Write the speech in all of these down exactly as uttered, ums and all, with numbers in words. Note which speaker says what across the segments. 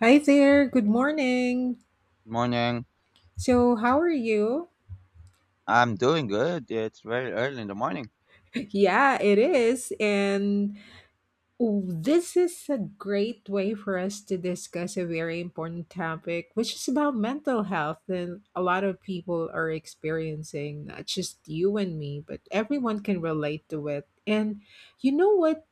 Speaker 1: Hi there. Good morning.
Speaker 2: Morning.
Speaker 1: So, how are you?
Speaker 2: I'm doing good. It's very early in the morning.
Speaker 1: Yeah, it is. And oh, this is a great way for us to discuss a very important topic, which is about mental health. And a lot of people are experiencing, not just you and me, but everyone can relate to it. And you know what?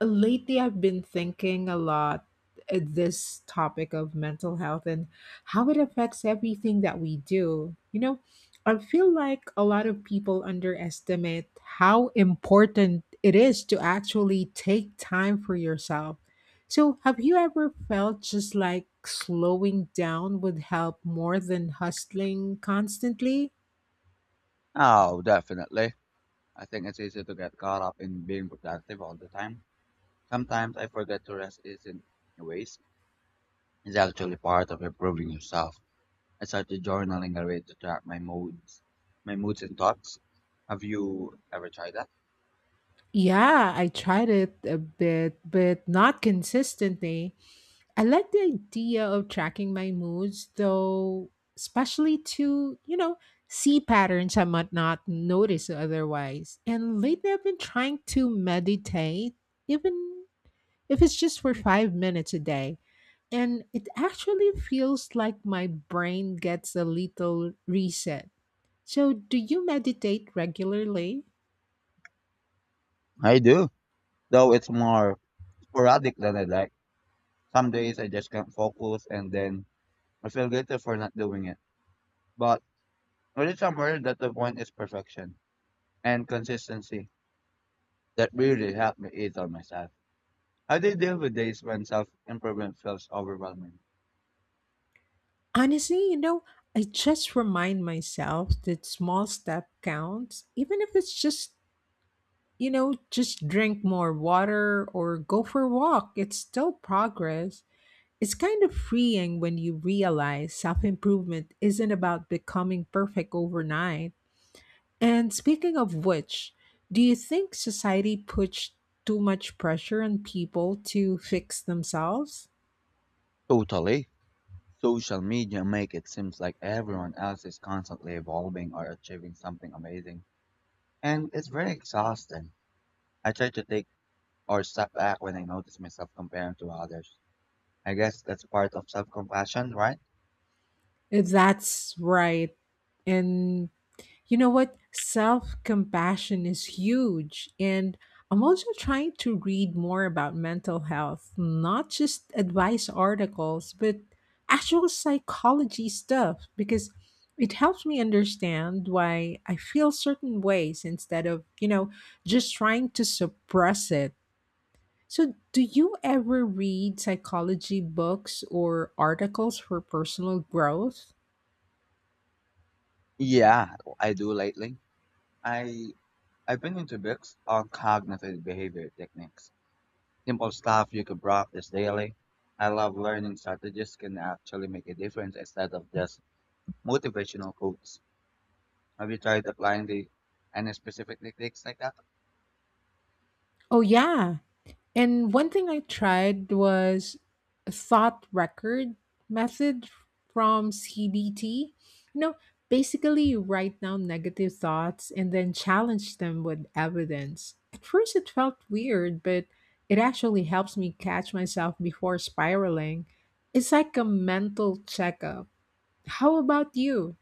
Speaker 1: Lately, I've been thinking a lot at this topic of mental health and how it affects everything that we do. You know, I feel like a lot of people underestimate how important it is to actually take time for yourself. So, have you ever felt just like slowing down would help more than hustling constantly?
Speaker 2: Oh, definitely. I think it's easy to get caught up in being productive all the time. Sometimes I forget to rest isn't a waste. It's actually part of improving yourself. I started journaling a way to track my moods, my moods and thoughts. Have you ever tried that?
Speaker 1: Yeah, I tried it a bit, but not consistently. I like the idea of tracking my moods, though, especially to, you know, see patterns I might not notice otherwise. And lately, I've been trying to meditate, even if it's just for five minutes a day. And it actually feels like my brain gets a little reset. So, do you meditate regularly?
Speaker 2: I do, though it's more sporadic than I'd like. Some days I just can't focus and then I feel guilty for not doing it. But when it's somewhere that the point is perfection and consistency that really helped me eat on myself. How do you deal with days when self improvement feels overwhelming?
Speaker 1: Honestly, you know, I just remind myself that small step counts, even if it's just you know, just drink more water or go for a walk. It's still progress. It's kind of freeing when you realize self improvement isn't about becoming perfect overnight. And speaking of which, do you think society puts too much pressure on people to fix themselves?
Speaker 2: Totally. Social media make it seems like everyone else is constantly evolving or achieving something amazing. And it's very exhausting. I try to take or step back when I notice myself comparing to others. I guess that's part of self compassion, right?
Speaker 1: That's right. And you know what? Self compassion is huge. And I'm also trying to read more about mental health, not just advice articles, but actual psychology stuff, because it helps me understand why I feel certain ways instead of, you know, just trying to suppress it. So, do you ever read psychology books or articles for personal growth?
Speaker 2: Yeah, I do lately. I I've been into books on cognitive behavior techniques. Simple stuff you could practice daily. I love learning strategies can actually make a difference instead of just motivational quotes. Have you tried applying the any specific techniques like that?
Speaker 1: Oh, yeah. And one thing I tried was a thought record method from C B T. You know, basically you write down negative thoughts and then challenge them with evidence. At first it felt weird, but it actually helps me catch myself before spiraling. It's like a mental checkup. How about you?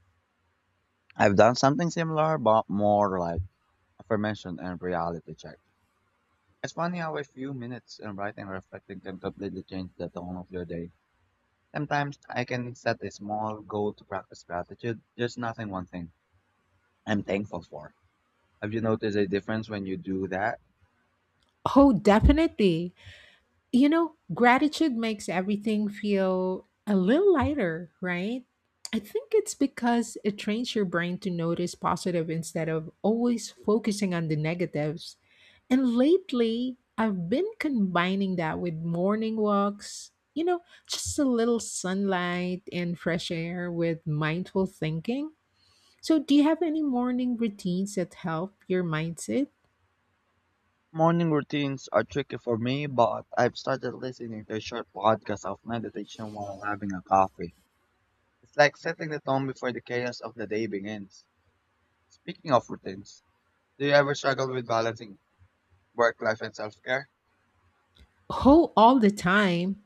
Speaker 2: I've done something similar, but more like affirmation and reality check. It's funny how a few minutes in writing or reflecting can completely change the tone of your day. Sometimes I can set a small goal to practice gratitude, just nothing one thing I'm thankful for. Have you noticed a difference when you do that?
Speaker 1: Oh, definitely. you know, gratitude makes everything feel a little lighter, right? I think it's because it trains your brain to notice positive instead of always focusing on the negatives. And lately, I've been combining that with morning walks, you know, just a little sunlight and fresh air with mindful thinking. So, do you have any morning routines that help your mindset?
Speaker 2: Morning routines are tricky for me, but I've started listening to a short podcast of meditation while having a coffee. It's like setting the tone before the chaos of the day begins. Speaking of routines, do you ever struggle with balancing work life and self care?
Speaker 1: Oh, all the time.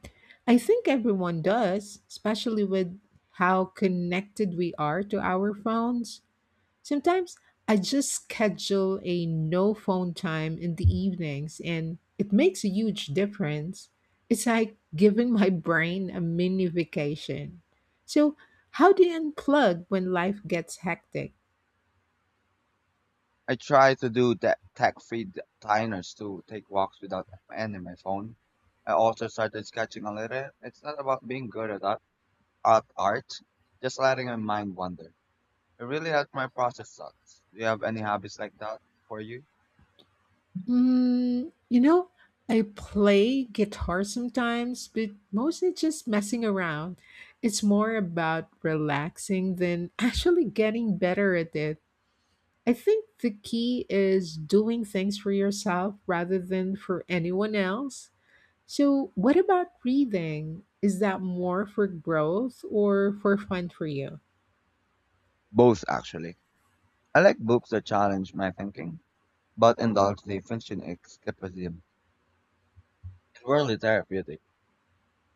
Speaker 1: I think everyone does, especially with how connected we are to our phones. Sometimes I just schedule a no phone time in the evenings and it makes a huge difference. It's like giving my brain a mini vacation. So, how do you unplug when life gets hectic?
Speaker 2: I try to do that tech free diners to take walks without ending my phone. I also started sketching a little. It's not about being good at art, at art just letting my mind wander. It really helps my process thoughts. Do you have any hobbies like that for you?
Speaker 1: Mm, you know, I play guitar sometimes, but mostly just messing around. It's more about relaxing than actually getting better at it. I think the key is doing things for yourself rather than for anyone else. So, what about reading? Is that more for growth or for fun for you?
Speaker 2: Both, actually. I like books that challenge my thinking, but indulge the fiction escapism. It's really therapeutic.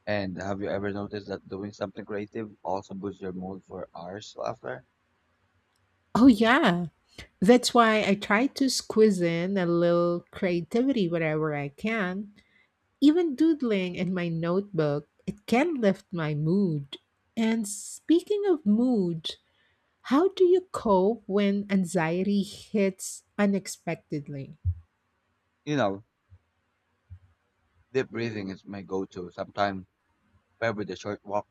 Speaker 2: And have you ever noticed that doing something creative also boosts your mood for hours after?
Speaker 1: Oh, yeah. That's why I try to squeeze in a little creativity whenever I can. Even doodling in my notebook, it can lift my mood. And speaking of mood, how do you cope when anxiety hits unexpectedly?
Speaker 2: You know, deep breathing is my go-to. Sometimes, paired with a short walk,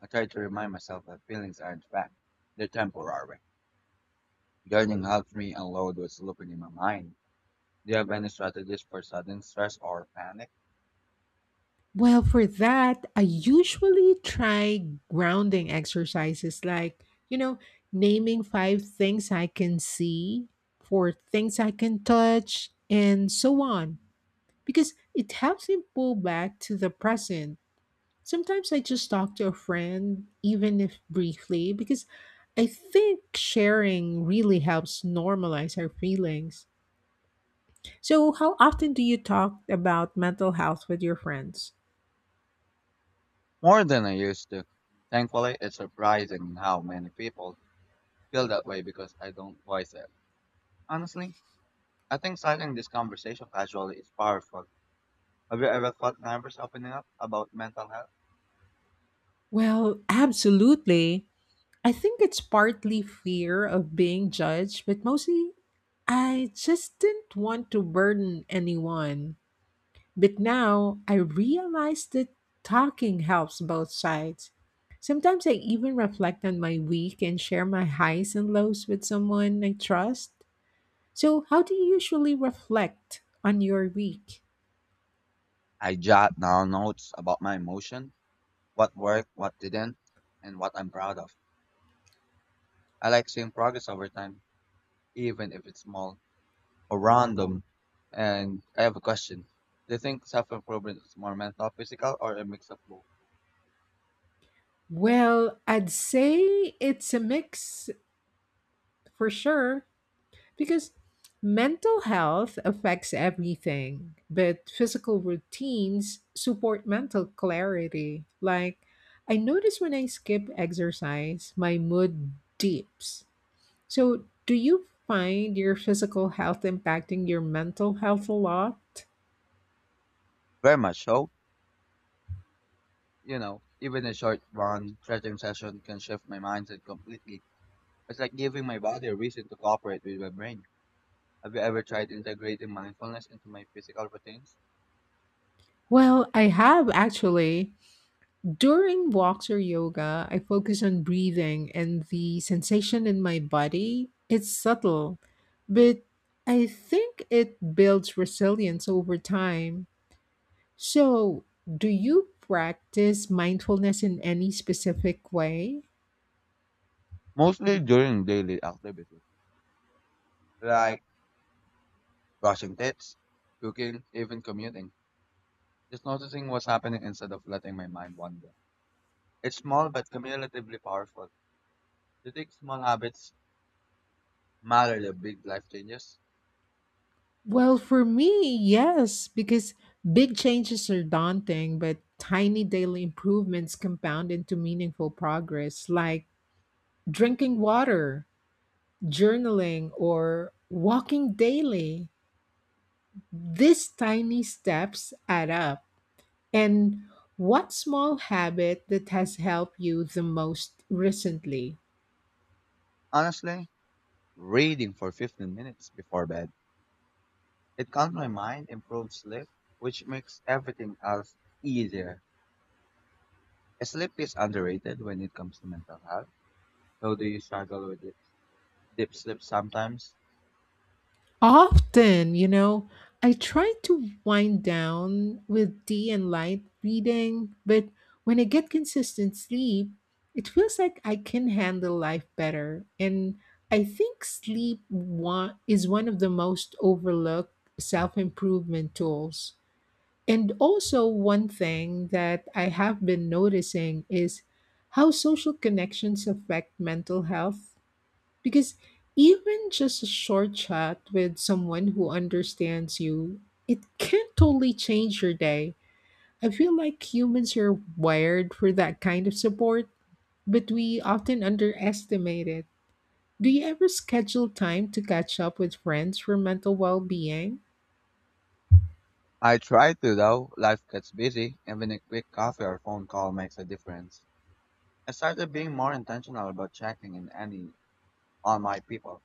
Speaker 2: I try to remind myself that feelings aren't fact; they're temporary. Gardening helps me unload what's looping in my mind. Do you have any strategies for sudden stress or panic?
Speaker 1: Well, for that, I usually try grounding exercises like, you know, naming five things I can see, four things I can touch, and so on, because it helps me pull back to the present. Sometimes I just talk to a friend, even if briefly, because I think sharing really helps normalize our feelings. So, how often do you talk about mental health with your friends?
Speaker 2: More than I used to. Thankfully, it's surprising how many people feel that way because I don't voice it. Honestly, I think starting this conversation casually is powerful. Have you ever thought nervous opening up about mental health?
Speaker 1: Well, absolutely. I think it's partly fear of being judged, but mostly I just didn't want to burden anyone. But now I realize that talking helps both sides. Sometimes I even reflect on my week and share my highs and lows with someone I trust. So, how do you usually reflect on your week?
Speaker 2: I jot down notes about my emotion, what worked, what didn't, and what I'm proud of. I like seeing progress over time, even if it's small or random. And I have a question. Do you think self improvement is more mental, physical, or a mix of both?
Speaker 1: Well, I'd say it's a mix for sure. Because mental health affects everything, but physical routines support mental clarity. Like, I notice when I skip exercise, my mood dips. So, do you find your physical health impacting your mental health a lot?
Speaker 2: Very much so. You know, even a short one stretching session can shift my mindset completely. It's like giving my body a reason to cooperate with my brain. Have you ever tried integrating mindfulness into my physical routines?
Speaker 1: Well, I have actually. During walks or yoga, I focus on breathing and the sensation in my body. It's subtle, but I think it builds resilience over time. So, do you practice mindfulness in any specific way?
Speaker 2: Mostly during daily activities, like brushing teeth, cooking, even commuting. Just noticing what's happening instead of letting my mind wander. It's small but cumulatively powerful. Do you think small habits matter the big life changes?
Speaker 1: Well, for me, yes, because big changes are daunting, but tiny daily improvements compound into meaningful progress, like drinking water, journaling, or walking daily. These tiny steps add up. And what small habit that has helped you the most recently?
Speaker 2: Honestly, reading for fifteen minutes before bed. It calms my mind, improves sleep, which makes everything else easier. Sleep is underrated when it comes to mental health. So do you struggle with deep, deep sleep sometimes?
Speaker 1: Often, you know, I try to wind down with tea and light reading, but when I get consistent sleep, it feels like I can handle life better. And I think sleep one, is one of the most overlooked self improvement tools. And also, one thing that I have been noticing is how social connections affect mental health. Because even just a short chat with someone who understands you, it can totally change your day. I feel like humans are wired for that kind of support, but we often underestimate it. Do you ever schedule time to catch up with friends for mental well being?
Speaker 2: I try to though. Life gets busy. Even a quick coffee or phone call makes a difference. I started being more intentional about checking in any on my people.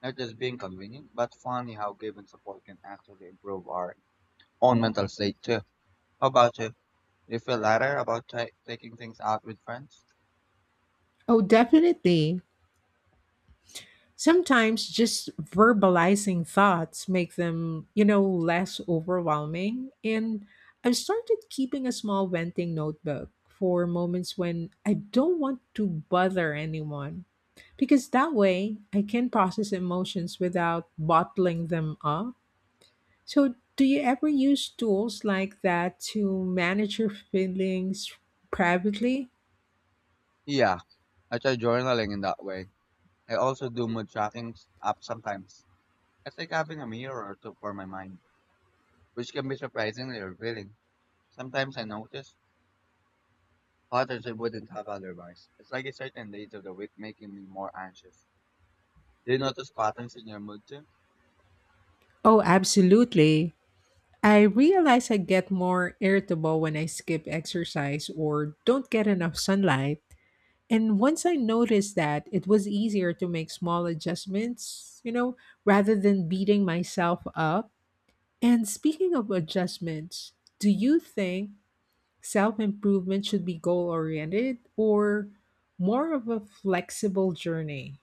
Speaker 2: Not just being convenient, but funny how giving support can actually improve our own mental state too. How about you? You feel lighter about ta- taking things out with friends?
Speaker 1: Oh, definitely. Sometimes just verbalizing thoughts make them, you know, less overwhelming. And I've started keeping a small venting notebook for moments when I don't want to bother anyone. Because that way I can process emotions without bottling them up. So, do you ever use tools like that to manage your feelings privately?
Speaker 2: Yeah, I try journaling in that way. I also do mood tracking s- app sometimes. It's like having a mirror to, for my mind, which can be surprisingly revealing. Sometimes I notice patterns I wouldn't have otherwise. It's like a certain days of the week making me more anxious. Do you notice patterns in your mood too?
Speaker 1: Oh, absolutely. I realize I get more irritable when I skip exercise or don't get enough sunlight. And once I noticed that, it was easier to make small adjustments, you know, rather than beating myself up. And speaking of adjustments, do you think self improvement should be goal oriented or more of a flexible journey?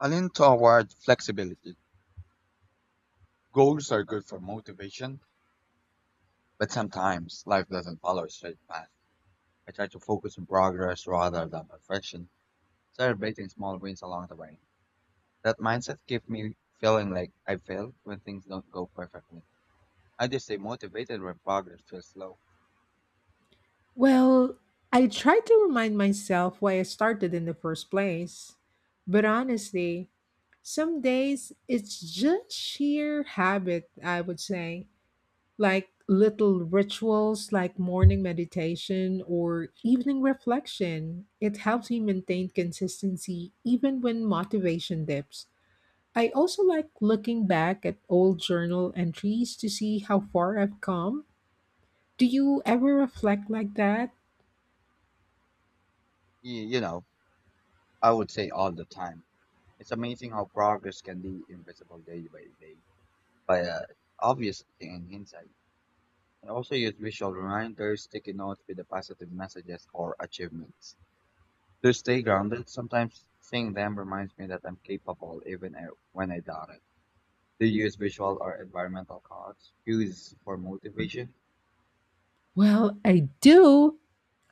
Speaker 2: I lean toward flexibility. Goals are good for motivation, but sometimes life doesn't follow a straight path. I try to focus on progress rather than perfection, celebrating small wins along the way. That mindset keeps me feeling like I failed when things don't go perfectly. I just stay motivated when progress feels slow.
Speaker 1: Well, I try to remind myself why I started in the first place. But honestly, some days it's just sheer habit, I would say. Like little rituals like morning meditation or evening reflection. It helps me maintain consistency even when motivation dips. I also like looking back at old journal entries to see how far I've come. Do you ever reflect like that?
Speaker 2: Y- You know, I would say all the time. It's amazing how progress can be invisible day by day, but uh, obvious in hindsight. I also use visual reminders, sticky notes with the positive messages or achievements. To stay grounded, sometimes seeing them reminds me that I'm capable even uh, when I doubt it. Do you use visual or environmental cards? Cues for motivation?
Speaker 1: Well, I do.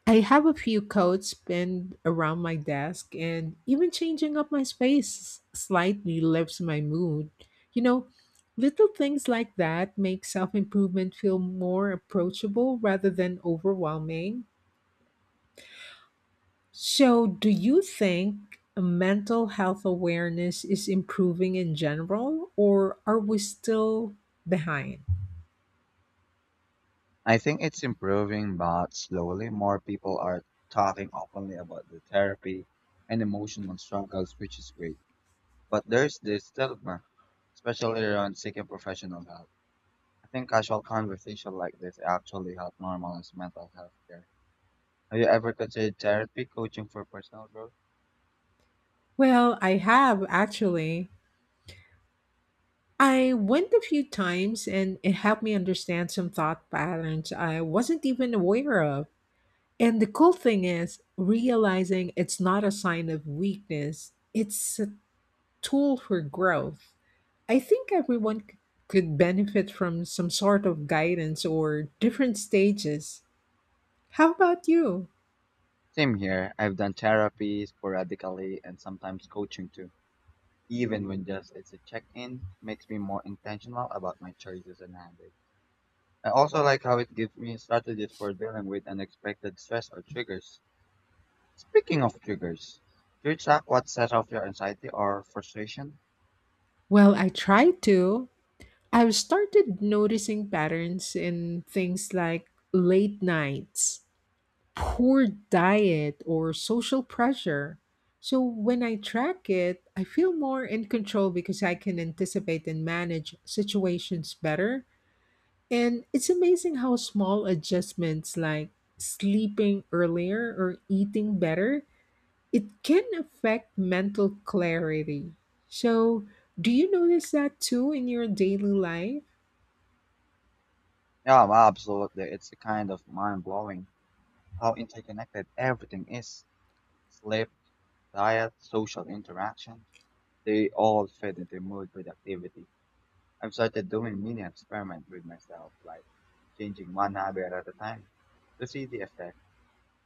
Speaker 1: I have a few coats pinned around my desk, and even changing up my space slightly lifts my mood. You know, little things like that make self improvement feel more approachable rather than overwhelming. So, do you think mental health awareness is improving in general, or are we still behind?
Speaker 2: I think it's improving, but slowly more people are talking openly about the therapy and emotional struggles, which is great. But there's this stigma, especially around seeking professional help. I think casual conversation like this actually help normalize mental health care. Have you ever considered therapy coaching for personal growth?
Speaker 1: Well, I have actually. I went a few times and it helped me understand some thought patterns I wasn't even aware of. And the cool thing is, realizing it's not a sign of weakness, it's a tool for growth. I think everyone c- could benefit from some sort of guidance or different stages. How about you?
Speaker 2: Same here. I've done therapy sporadically and sometimes coaching too. Even when just it's a check-in, makes me more intentional about my choices and habits. I also like how it gives me strategies for dealing with unexpected stress or triggers. Speaking of triggers, do you track what sets off your anxiety or frustration?
Speaker 1: Well, I try to. I've started noticing patterns in things like late nights, poor diet, or social pressure. So when I track it, I feel more in control because I can anticipate and manage situations better. And it's amazing how small adjustments like sleeping earlier or eating better, it can affect mental clarity. So, do you notice that too in your daily life?
Speaker 2: Yeah, well, absolutely. It's kind of mind blowing how interconnected everything is. Sleep, diet, social interaction, they all fit into mood productivity. I've started doing mini experiments with myself, like changing one habit at a time to see the effect.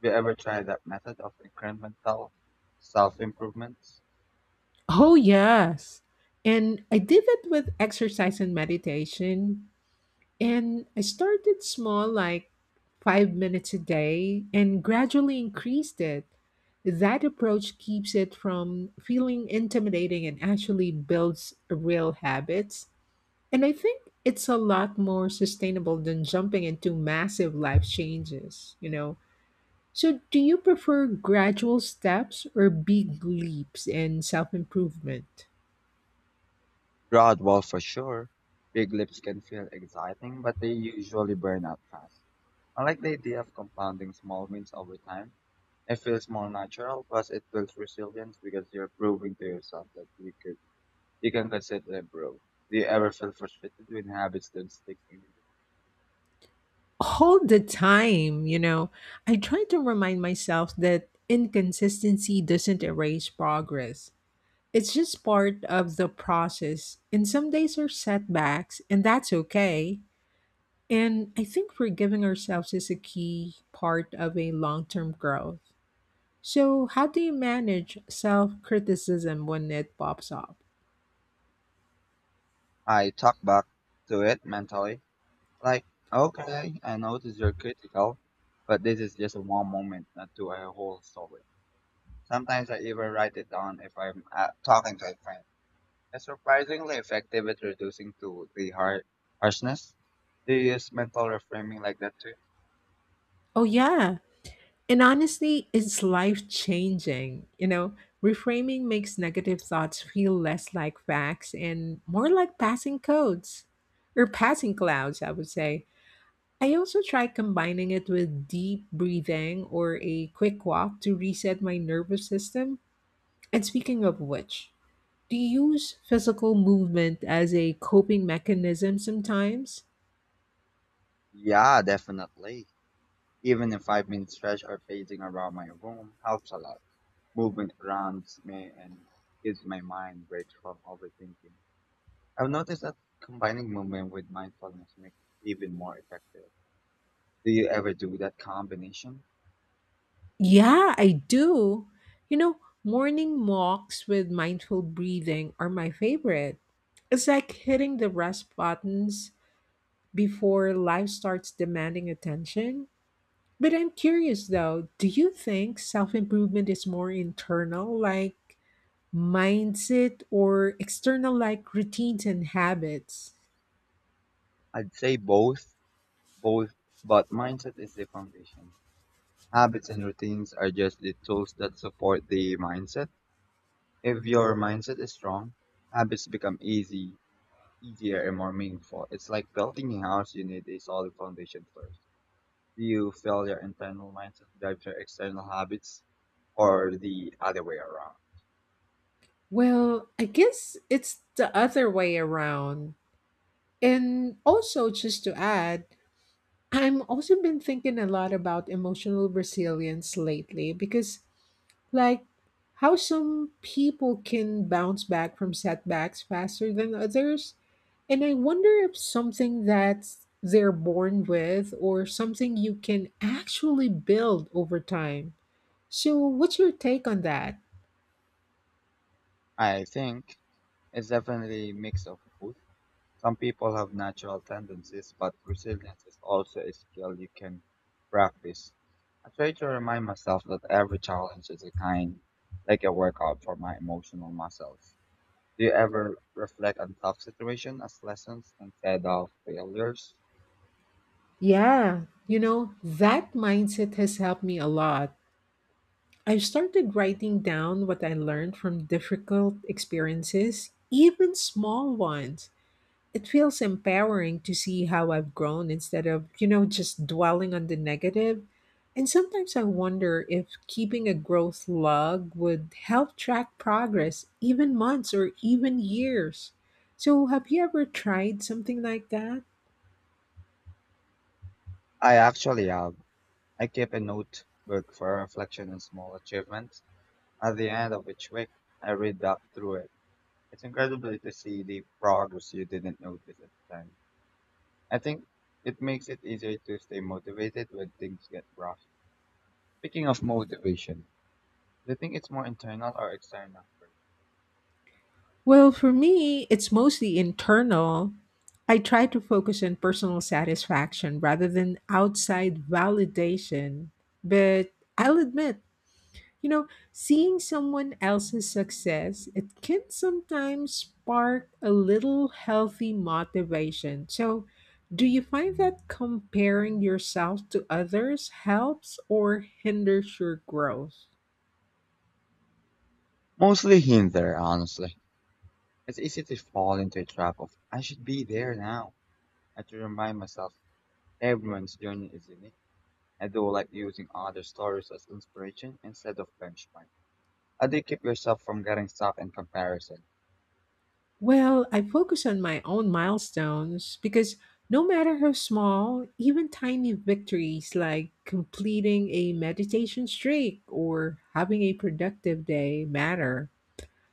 Speaker 2: Have you ever tried that method of incremental self improvement?
Speaker 1: Oh, yes. And I did it with exercise and meditation. And I started small, like five minutes a day, and gradually increased it. That approach keeps it from feeling intimidating and actually builds real habits. And I think it's a lot more sustainable than jumping into massive life changes, you know. So, do you prefer gradual steps or big leaps in self improvement?
Speaker 2: Rod, well, for sure. Big lips can feel exciting, but they usually burn out fast. I like the idea of compounding small wins over time. It feels more natural, plus it builds resilience because you're proving to yourself that you could you can consider it bro. Do you ever feel frustrated when habits don't stick to you?
Speaker 1: All the time, you know. I try to remind myself that inconsistency doesn't erase progress. It's just part of the process, and some days are setbacks, and that's okay. And I think forgiving ourselves is a key part of a long term growth. So, how do you manage self criticism when it pops up?
Speaker 2: I talk back to it mentally, like, okay, I notice you're critical, but this is just one moment, not to a whole story. Sometimes I even write it down if I'm uh, talking to a friend. It's surprisingly effective at reducing to the har- harshness. Do you use mental reframing like that too?
Speaker 1: Oh, yeah. And honestly, it's life changing. You know, reframing makes negative thoughts feel less like facts and more like passing codes, or passing clouds, I would say. I also try combining it with deep breathing or a quick walk to reset my nervous system. And speaking of which, do you use physical movement as a coping mechanism sometimes?
Speaker 2: Yeah, definitely. Even a five minute stretch or pacing around my room helps a lot. Movement grounds me and gives my mind breaks from overthinking. I've noticed that combining movement with mindfulness makes it even more effective. Do you ever do that combination?
Speaker 1: Yeah, I do. You know, morning walks with mindful breathing are my favorite. It's like hitting the rest buttons before life starts demanding attention. But I'm curious though, do you think self improvement is more internal, like mindset, or external, like routines and habits?
Speaker 2: I'd say both, both, but mindset is the foundation. Habits and routines are just the tools that support the mindset. If your mindset is strong, habits become easy, easier and more meaningful. It's like building a house, you need a solid foundation first. Do you feel your internal mindset drives your external habits or the other way around?
Speaker 1: Well, I guess it's the other way around. And also, just to add, I'm also been thinking a lot about emotional resilience lately because like how some people can bounce back from setbacks faster than others, and I wonder if something that they're born with or something you can actually build over time. So what's your take on that?
Speaker 2: I think it's definitely a mix of both. Some people have natural tendencies, but resilience is also a skill you can practice. I try to remind myself that every challenge is a kind, like a workout for my emotional muscles. Do you ever reflect on tough situations as lessons instead of failures?
Speaker 1: Yeah, you know, that mindset has helped me a lot. I've started writing down what I learned from difficult experiences, even small ones. It feels empowering to see how I've grown instead of, you know, just dwelling on the negative. And sometimes I wonder if keeping a growth log would help track progress, even months or even years. So, have you ever tried something like that?
Speaker 2: I actually have. I keep a notebook for reflection and small achievements. At the end of each week, I read up through it. It's incredible to see the progress you didn't notice at the time. I think it makes it easier to stay motivated when things get rough. Speaking of motivation, do you think it's more internal or external first?
Speaker 1: Well, for me, it's mostly internal. I try to focus on personal satisfaction rather than outside validation. But I'll admit, you know, seeing someone else's success, it can sometimes spark a little healthy motivation. So, do you find that comparing yourself to others helps or hinders your growth?
Speaker 2: Mostly hinder, honestly. It's easy to fall into a trap of, I should be there now. I have to remind myself everyone's journey is unique. I do like using other stories as inspiration instead of benchmark. How do you keep yourself from getting stuck in comparison?
Speaker 1: Well, I focus on my own milestones because no matter how small, even tiny victories like completing a meditation streak or having a productive day matter.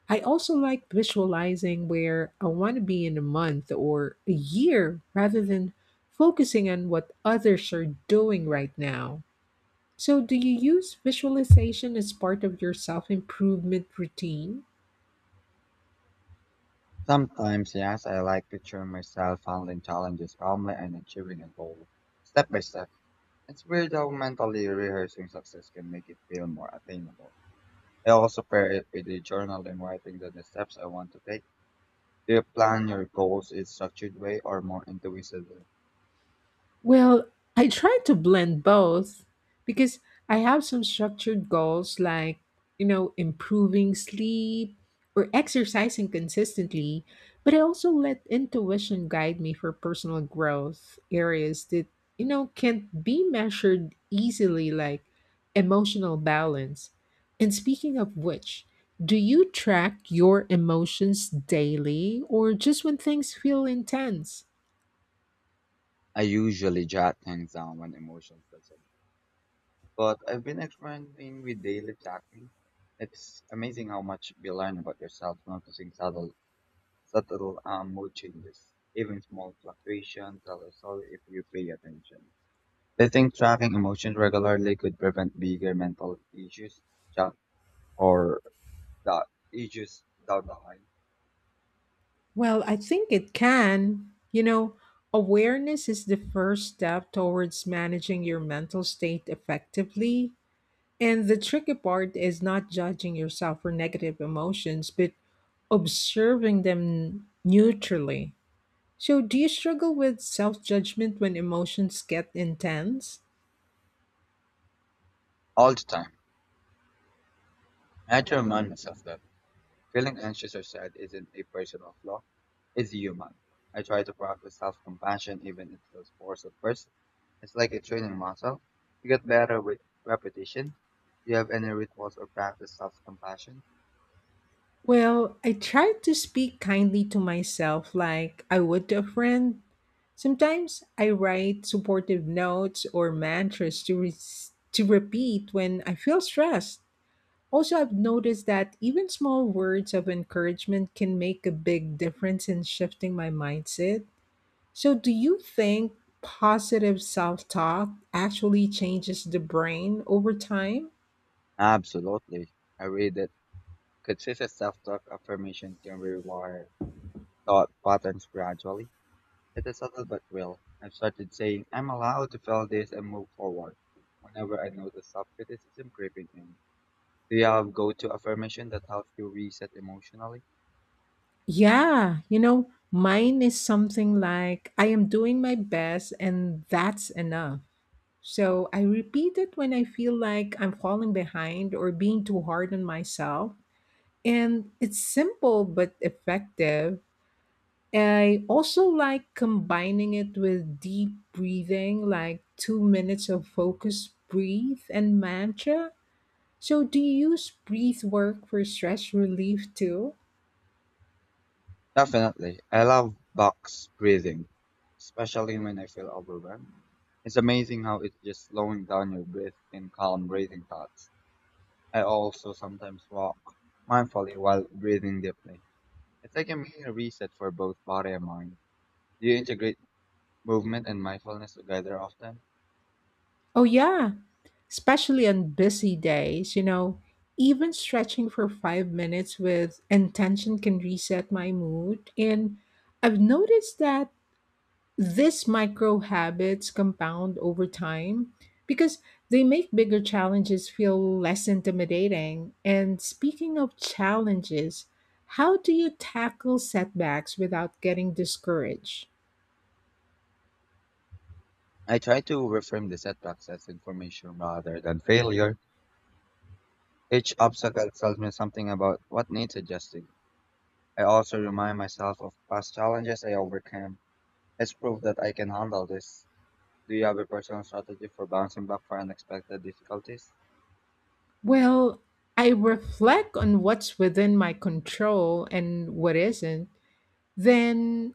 Speaker 1: I also like visualizing where I want to be in a month or a year rather than focusing on what others are doing right now. So, do you use visualization as part of your self improvement routine?
Speaker 2: Sometimes, yes, I like picturing myself handling challenges calmly and achieving a goal, step by step. It's weird how mentally rehearsing success can make it feel more attainable. I also pair it with a journal and writing down the steps I want to take. Do you plan your goals in structured way or more intuitive way?
Speaker 1: Well, I try to blend both because I have some structured goals like, you know, improving sleep or exercising consistently, but I also let intuition guide me for personal growth areas that, you know, can't be measured easily like emotional balance. And speaking of which, do you track your emotions daily or just when things feel intense?
Speaker 2: I usually jot things down when emotions gets in. But I've been experimenting with daily tracking. It's amazing how much you learn about yourself noticing subtle, subtle um, mood changes. Even small fluctuations tell a story if you pay attention. They think tracking emotions regularly could prevent bigger mental issues that or that issues down the line.
Speaker 1: Well, I think it can. You know, awareness is the first step towards managing your mental state effectively. And the tricky part is not judging yourself for negative emotions, but observing them neutrally. So, do you struggle with self judgment when emotions get intense?
Speaker 2: All the time. I had to remind myself that feeling anxious or sad isn't a personal flaw, it's human. I try to practice self compassion even if it feels forced at first. It's like a training muscle. You get better with repetition. Do you have any rituals or practice self compassion?
Speaker 1: Well, I try to speak kindly to myself like I would to a friend. Sometimes I write supportive notes or mantras to, re- to repeat when I feel stressed. Also, I've noticed that even small words of encouragement can make a big difference in shifting my mindset. So, do you think positive self talk actually changes the brain over time?
Speaker 2: Absolutely. I read that consistent self talk affirmation can rewire thought patterns gradually. It is subtle but real. I've started saying, I'm allowed to feel this and move forward whenever I notice self criticism creeping in. Do you have go to affirmation that helps you reset emotionally?
Speaker 1: Yeah, you know, mine is something like I am doing my best and that's enough. So I repeat it when I feel like I'm falling behind or being too hard on myself. And it's simple but effective. I also like combining it with deep breathing, like two minutes of focus breathe and mantra. So, do you use breath work for stress relief too?
Speaker 2: Definitely. I love box breathing, especially when I feel overwhelmed. It's amazing how it's just slowing down your breath and calm breathing thoughts. I also sometimes walk mindfully while breathing deeply. It's like a mini reset for both body and mind. Do you integrate movement and mindfulness together often?
Speaker 1: Oh, yeah, especially on busy days, you know, even stretching for five minutes with intention can reset my mood. And I've noticed that these micro habits compound over time because they make bigger challenges feel less intimidating. And speaking of challenges, how do you tackle setbacks without getting discouraged?
Speaker 2: I try to reframe the setbacks as information rather than failure. Each obstacle tells me something about what needs adjusting. I also remind myself of past challenges I overcame. It's proof that I can handle this. Do you have a personal strategy for bouncing back from unexpected difficulties?
Speaker 1: Well, I reflect on what's within my control and what isn't. Then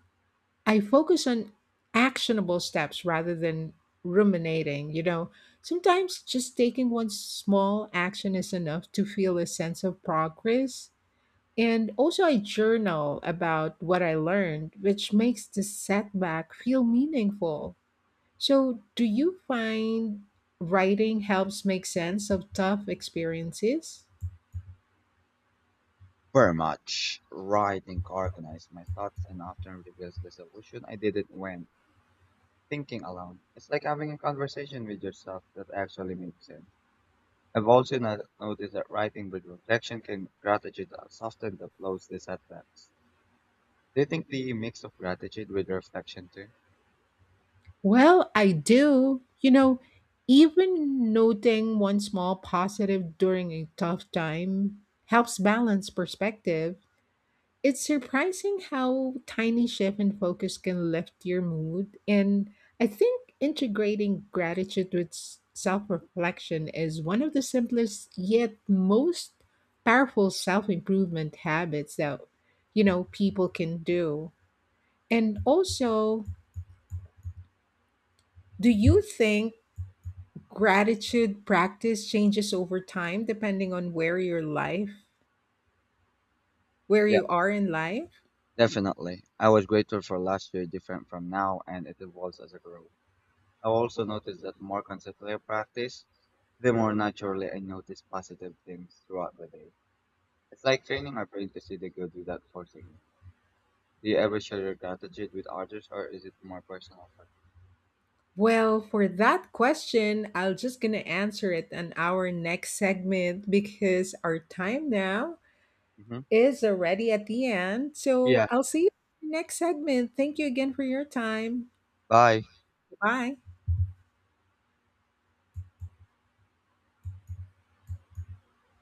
Speaker 1: I focus on actionable steps rather than ruminating. You know, sometimes just taking one small action is enough to feel a sense of progress. And also, I journal about what I learned, which makes the setback feel meaningful. So, do you find writing helps make sense of tough experiences?
Speaker 2: Very much. Writing organizes my thoughts and often reveals the solution I didn't when thinking alone. It's like having a conversation with yourself that actually makes sense. I've also not- noticed that writing with reflection can gratitude uh, soften the blows this setbacks. Do you think the mix of gratitude with reflection too?
Speaker 1: Well, I do. You know, even noting one small positive during a tough time helps balance perspective. It's surprising how tiny shift in focus can lift your mood. And I think integrating gratitude with self reflection is one of the simplest yet most powerful self improvement habits that, you know, people can do. And also, do you think gratitude practice changes over time depending on where your life, where
Speaker 2: Yeah,
Speaker 1: you are in life?
Speaker 2: definitely. I was grateful for last year different from now and it evolves as I grow. I also noticed that more consistently I practice, the more naturally I notice positive things throughout the day. It's like training our brain to see the good without forcing it. Do you ever share your gratitude with others or is it more personal?
Speaker 1: Well, for that question, I'll just gonna answer it on our next segment because our time now
Speaker 2: Mm-hmm.
Speaker 1: is already at the end. So
Speaker 2: Yeah.
Speaker 1: I'll see you in the next segment. Thank you again for your time.
Speaker 2: Bye.
Speaker 1: Bye.